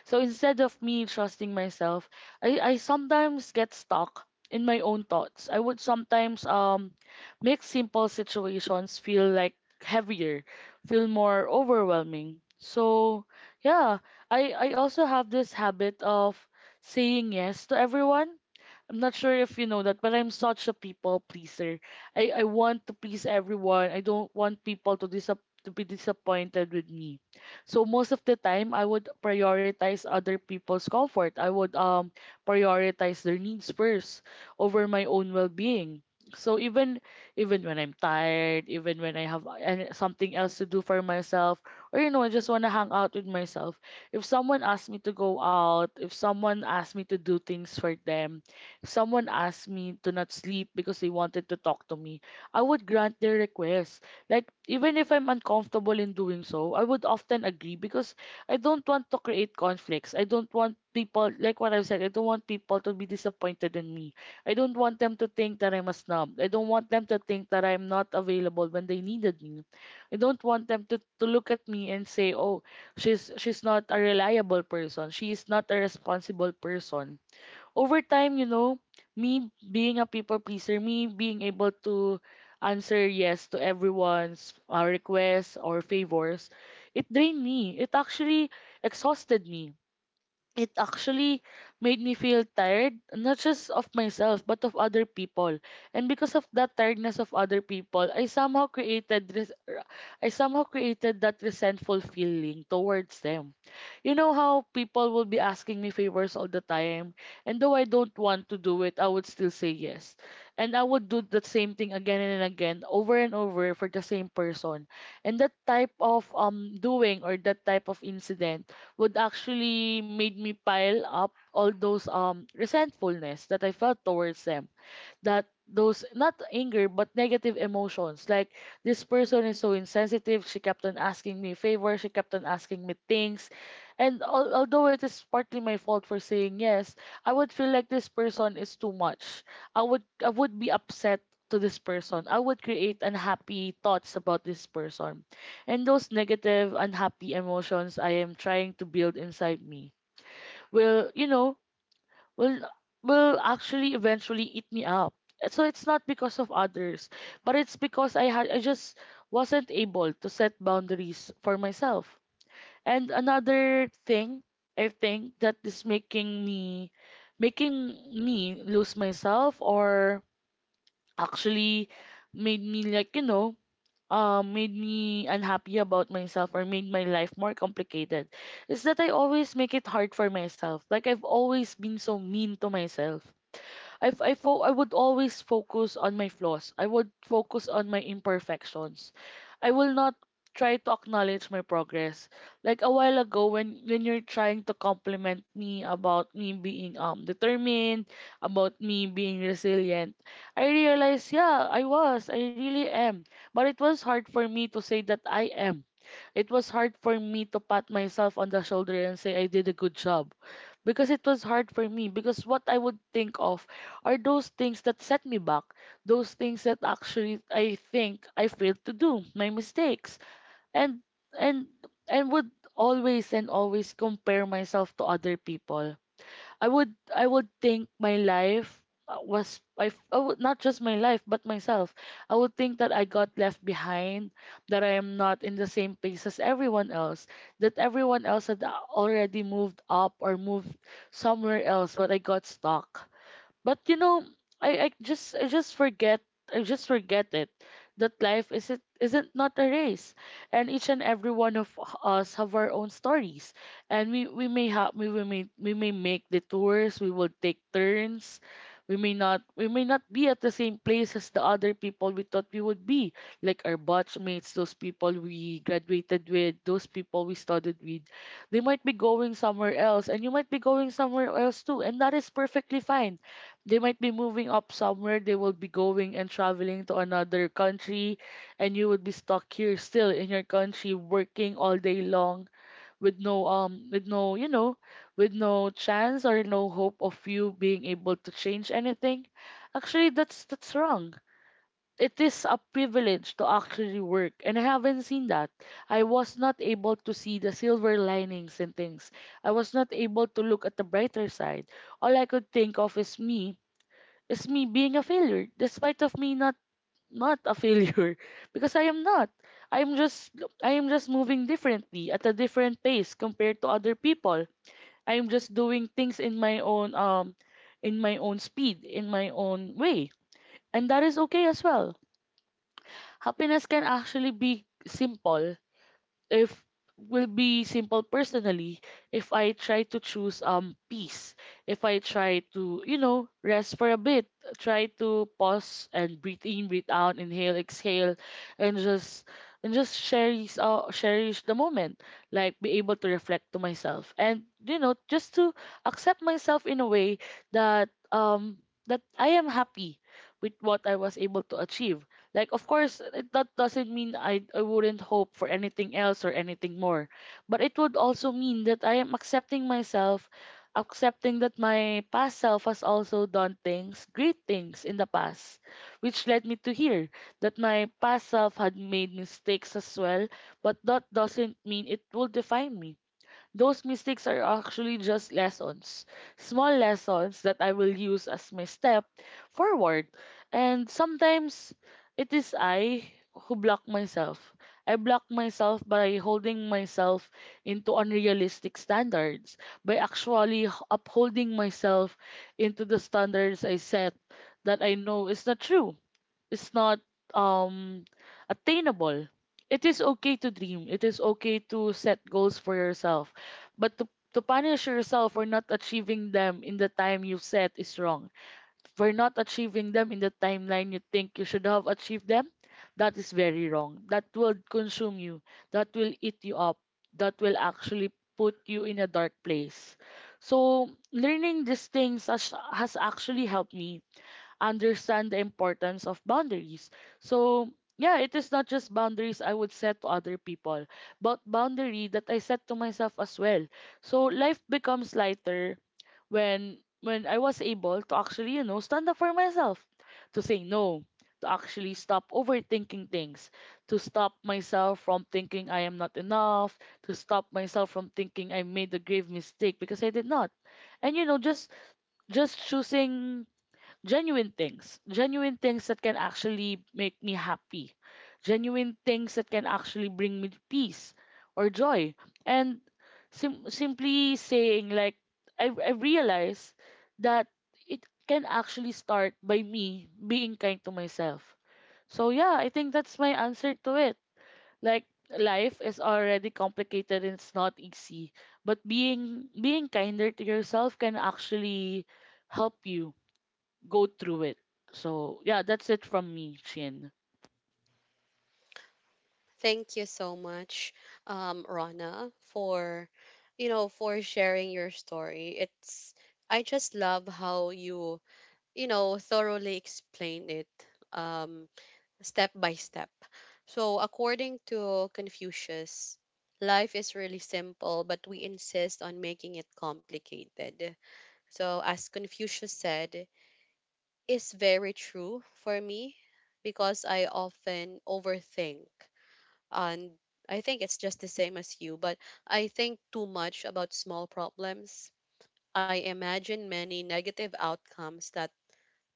B: So instead of me trusting myself, I sometimes get stuck in my own thoughts. I would sometimes make simple situations feel like heavier, feel more overwhelming. So yeah, I also have this habit of saying yes to everyone. I'm not sure if you know that, but I'm such a people pleaser. I want to please everyone. I don't want people to to be disappointed with me. So most of the time, I would prioritize other people's comfort. I would prioritize their needs first over my own well-being. So even when I'm tired, even when I have something else to do for myself, or, you know, I just want to hang out with myself. If someone asks me to go out, if someone asks me to do things for them, someone asked me to not sleep because they wanted to talk to me, I would grant their request. Like, even if I'm uncomfortable in doing so, I would often agree because I don't want to create conflicts. I don't want people, like what I've said, I don't want people to be disappointed in me. I don't want them to think that I'm a snob. I don't want them to think that I'm not available when they needed me. I don't want them to, look at me and say, oh, she's not a reliable person. She is not a responsible person. Over time, you know, me being a people pleaser, me being able to answer yes to everyone's requests or favors, it drained me. It actually exhausted me. It actually made me feel tired, not just of myself, but of other people. And because of that tiredness of other people, I somehow I somehow created that resentful feeling towards them. You know how people will be asking me favors all the time. And though I don't want to do it, I would still say yes. And I would do the same thing again and again, over and over for the same person. And that type of doing, or that type of incident would actually made me pile up all those resentfulness that I felt towards them, that those not anger but negative emotions, like, this person is so insensitive, she kept on asking me favors, she kept on asking me things. And although it is partly my fault for saying yes, I would feel like this person is too much. I would be upset to this person. I would create unhappy thoughts about this person. And those negative unhappy emotions I am trying to build inside me will, you know, will will actually eventually eat me up. So it's not because of others, but it's because I just wasn't able to set boundaries for myself. And another thing I think that is making me lose myself, or actually made me, like, you know, made me unhappy about myself or made my life more complicated, is that I always make it hard for myself. Like, I've always been so mean to myself. I f- I fo- I would always focus on my flaws. I would focus on my imperfections. I will not try to acknowledge my progress. Like a while ago when you're trying to compliment me about me being determined, about me being resilient, I realized, yeah, I was. I really am. But it was hard for me to say that I am. It was hard for me to pat myself on the shoulder and say I did a good job, because it was hard for me, because what I would think of are those things that set me back, those things that actually I think I failed to do, my mistakes. And and I would always and always compare myself to other people. I would think my life I would not just my life but myself. I would think that I got left behind, that I am not in the same pace as everyone else, that everyone else had already moved up or moved somewhere else, but I got stuck. But you know, I, I just I just forget I just forget it that life isn't not a race, and each and every one of us have our own stories, and we may have we may make detours, we will take turns, we may not be at the same place as the other people we thought we would be, like our batch mates, those people we graduated with, those people we studied with. They might be going somewhere else and you might be going somewhere else too, and that is perfectly fine. They might be moving up somewhere, they will be going and traveling to another country, and you would be stuck here still in your country working all day long with no you know with no chance or no hope of you being able to change anything. Actually, that's wrong. It is a privilege to actually work, and I haven't seen that. I was not able to see the silver linings and things. I was not able to look at the brighter side. All I could think of is me, is me being a failure despite of me not a failure *laughs* because I am not. I am just I am just moving differently at a different pace compared to other people. I am just doing things in my own speed, in my own way. And that is okay as well. Happiness can actually be simple, if will be simple personally, if I try to choose peace, if I try to, you know, rest for a bit, try to pause and breathe in, breathe out, inhale, exhale, and just and just cherish, cherish the moment. Like be able to reflect to myself and, you know, just to accept myself in a way that that I am happy with what I was able to achieve. Like of course it, that doesn't mean I wouldn't hope for anything else or anything more. But it would also mean that I am accepting myself, accepting that my past self has also done things, great things in the past, which led me to here. That my past self had made mistakes as well, but that doesn't mean it will define me. Those mistakes are actually just lessons, small lessons that I will use as my step forward. And sometimes it is I who block myself. I block myself by holding myself into unrealistic standards, by actually upholding myself into the standards I set that I know is not true. It's not um attainable. It is okay to dream. It is okay to set goals for yourself. But to, to punish yourself for not achieving them in the time you set is wrong, for not achieving them in the timeline you think you should have achieved them, that is very wrong. That will consume you. That will eat you up. That will actually put you in a dark place. So learning these things has actually helped me understand the importance of boundaries. So, yeah, it is not just boundaries I would set to other people, but boundary that I set to myself as well. So life becomes lighter when I was able to actually, you know, stand up for myself, to say no, to actually stop overthinking things, to stop myself from thinking I am not enough, to stop myself from thinking I made a grave mistake because I did not. And, you know, just choosing genuine things that can actually make me happy, genuine things that can actually bring me peace or joy. And simply saying, like, I realize that it can actually start by me being kind to myself. So yeah, I think that's my answer to it. Like life is already complicated and it's not easy, but being kinder to yourself can actually help you go through it. So yeah, that's it from me, Chin.
A: Thank you so much, Rana, for for sharing your story. It's I just love how you you know thoroughly explained it, um, step by step. So according to Confucius, life is really simple, but we insist on making it complicated. So as Confucius said, is very true for me because I often overthink, and I think it's just the same as you, but I think too much about small problems. I imagine many negative outcomes that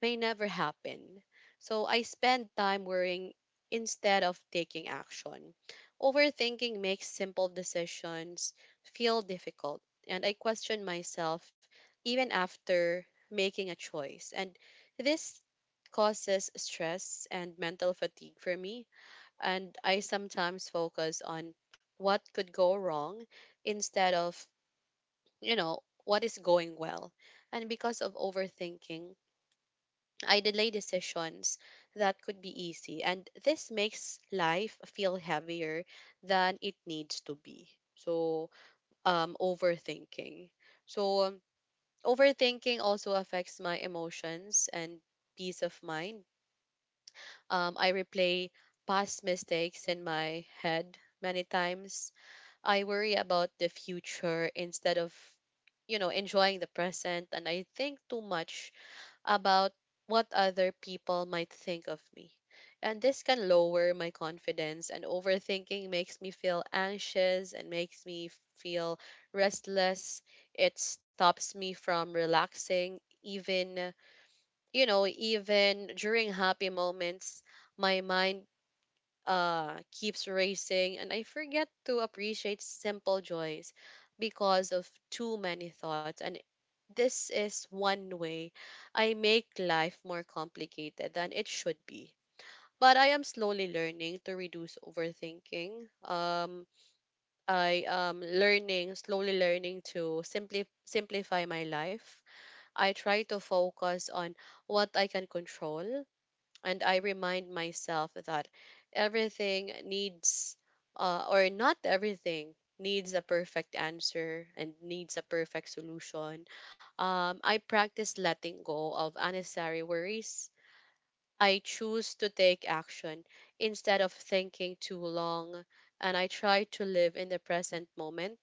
A: may never happen. So I spend time worrying instead of taking action. Overthinking makes simple decisions feel difficult, and I question myself even after making a choice. And this causes stress and mental fatigue for me, and I sometimes focus on what could go wrong instead of, what is going well. And because of overthinking, I delay decisions that could be easy. And this makes life feel heavier than it needs to be. So, um, overthinking. So, overthinking also affects my emotions and peace of mind. I replay past mistakes in my head many times. I worry about the future instead of, enjoying the present. And I think too much about what other people might think of me. And this can lower my confidence, and overthinking makes me feel anxious and makes me feel restless. It stops me from relaxing, even, even during happy moments. My mind keeps racing, and I forget to appreciate simple joys because of too many thoughts. And this is one way I make life more complicated than it should be. But I am slowly learning to reduce overthinking. I am learning, slowly learning to simply simplify my life. I try to focus on what I can control, and I remind myself that everything needs, or not everything needs a perfect answer and needs a perfect solution. I practice letting go of unnecessary worries. I choose to take action instead of thinking too long, and I try to live in the present moment.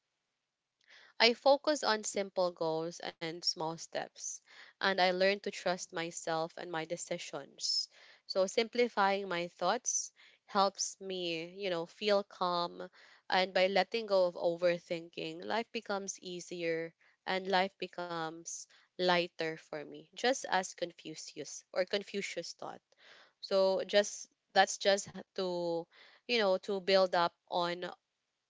A: I focus on simple goals and small steps, and I learn to trust myself and my decisions. So simplifying my thoughts helps me, feel calm, and by letting go of overthinking, life becomes easier and life becomes lighter for me, just as Confucius or Confucius taught. So just that's just to to build up on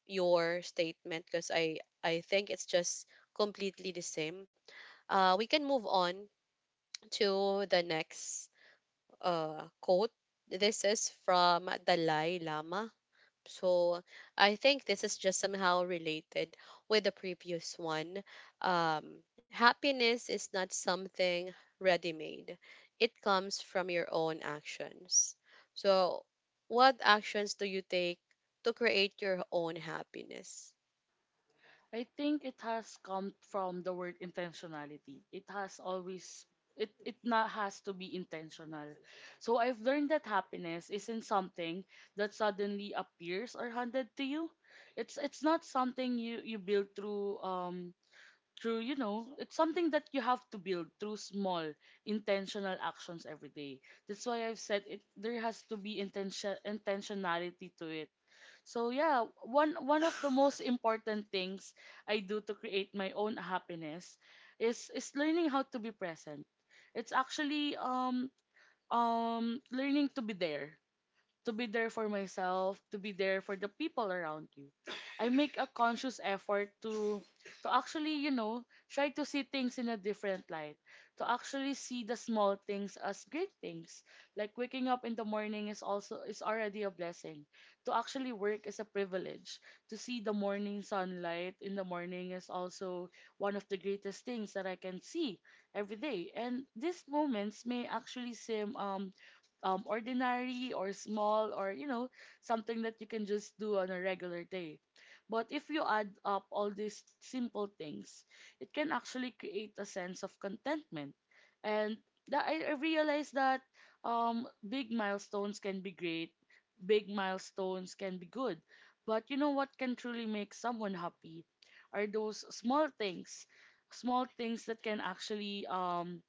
A: your statement because I think it's just completely the same. We can move on to the next quote. This is from Dalai Lama. So I think this is just somehow related with the previous one. Happiness is not something ready made. It comes from your own actions. So what actions do you take to create your own happiness?
B: I think it has come from the word intentionality. It has always, it not has to be intentional. So I've learned that happiness isn't something that suddenly appears or handed to you. It's not something you build through it's something that you have to build through small intentional actions every day. That's why I've said it, there has to be intentionality to it. So yeah, one of the most important things I do to create my own happiness is learning how to be present. It's actually learning to be there, to be there for myself, to be there for the people around you. I make a conscious effort to actually, you know, try to see things in a different light. To actually see the small things as great things. Like waking up in the morning is also is already a blessing. To actually work is a privilege. To see the morning sunlight in the morning is also one of the greatest things that I can see every day. And these moments may actually seem ordinary or small, or, you know, something that you can just do on a regular day. But if you add up all these simple things, it can actually create a sense of contentment. And that I realized that, big milestones can be great, big milestones can be good, but, you know, what can truly make someone happy are those small things, small things that can actually,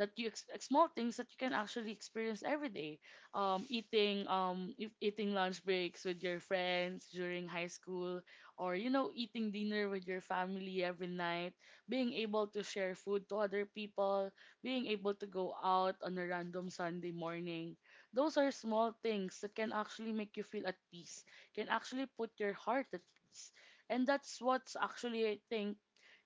B: that you small things that you can actually experience every day. Eating if, eating lunch breaks with your friends during high school, or, you know, eating dinner with your family every night, being able to share food to other people, being able to go out on a random Sunday morning. Those are small things that can actually make you feel at peace, can actually put your heart at peace. And that's what's actually, I think,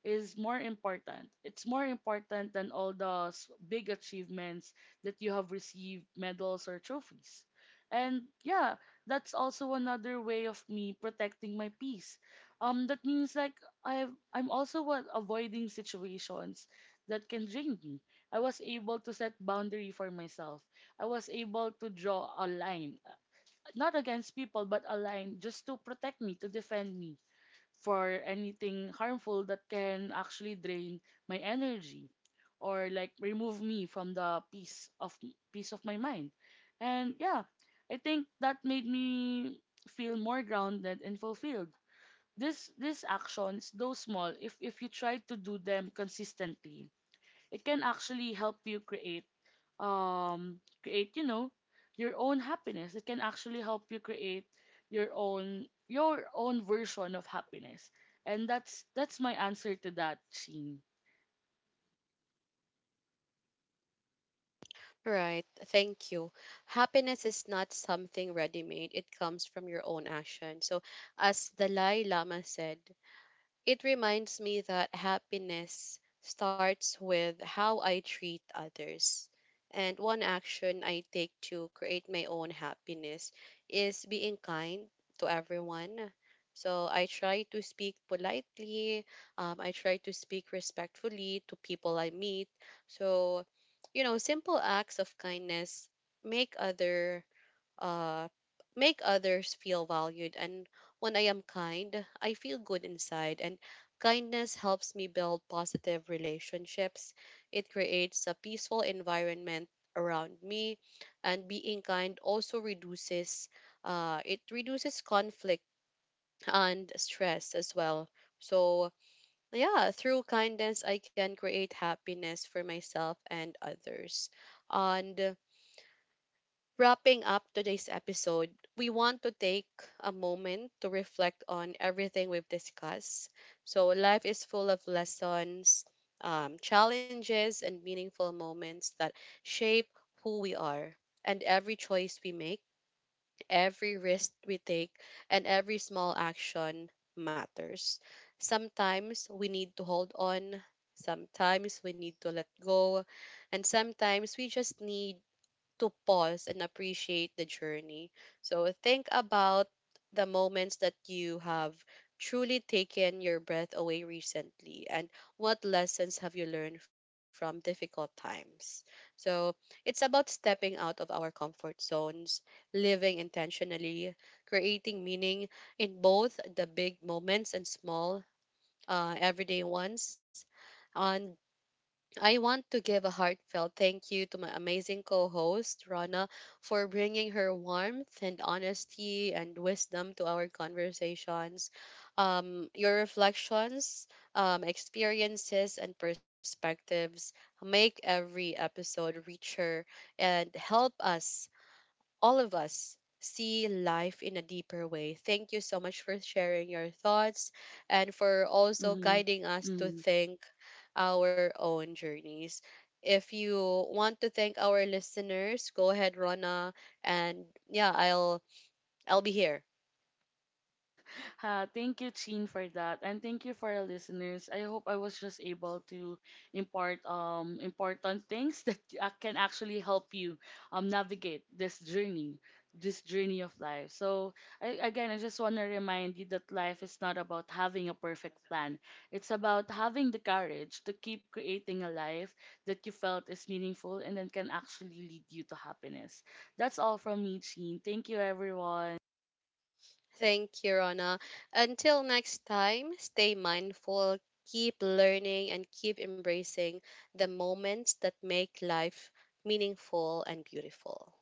B: is more important. It's more important than all those big achievements that you have received medals or trophies. And yeah, that's also another way of me protecting my peace. That means like I've, I'm also what, avoiding situations that can drain me. I was able to set boundary for myself. I was able to draw a line, not against people, but a line just to protect me, to defend me for anything harmful that can actually drain my energy, or like remove me from the peace of my mind. And yeah, I think that made me feel more grounded and fulfilled. This these actions, though small, if you try to do them consistently, it can actually help you create, you know, your own happiness. It can actually help you create your own version of happiness. And that's my answer to that scene.
A: Right. Thank you. Happiness is not something ready made, it comes from your own action. So, as Dalai Lama said, it reminds me that happiness starts with how I treat others. And one action I take to create my own happiness is being kind to everyone. So I try to speak politely. I try to speak respectfully to people I meet. So, simple acts of kindness make other uh, make others feel valued. And when I am kind, I feel good inside. And kindness helps me build positive relationships. It creates a peaceful environment around me. And being kind also reduces conflict and stress as well. So, yeah, through kindness, I can create happiness for myself and others. And wrapping up today's episode, we want to take a moment to reflect on everything we've discussed. So, life is full of lessons, challenges, and meaningful moments that shape who we are. And every choice we make, every risk we take, and every small action matters. Sometimes we need to hold on, sometimes we need to let go, and sometimes we just need to pause and appreciate the journey. So think about the moments that you have truly taken your breath away recently, and what lessons have you learned from difficult times. So it's about stepping out of our comfort zones, living intentionally, creating meaning in both the big moments and small everyday ones. On I want to give a heartfelt thank you to my amazing co host, Rana, for bringing her warmth and honesty and wisdom to our conversations. Your reflections, experiences, and perspectives make every episode richer and help us all of us see life in a deeper way. Thank you so much for sharing your thoughts and for also
B: Mm-hmm.
A: guiding us to
B: Mm-hmm.
A: think our own journeys. If you want to thank our listeners, go ahead, Rona, and yeah, I'll be here.
B: *laughs* Thank you, Chin, for that, and thank you for our listeners. I hope I was just able to impart important things *laughs* that can actually help you navigate this journey of life. So I, again, I just want to remind you that life is not about having a perfect plan. It's about having the courage to keep creating a life that you felt is meaningful and then can actually lead you to happiness. That's all from me, Chin. Thank you, everyone.
A: Thank you, Rona. Until next time, stay mindful, keep learning, and keep embracing the moments that make life meaningful and beautiful.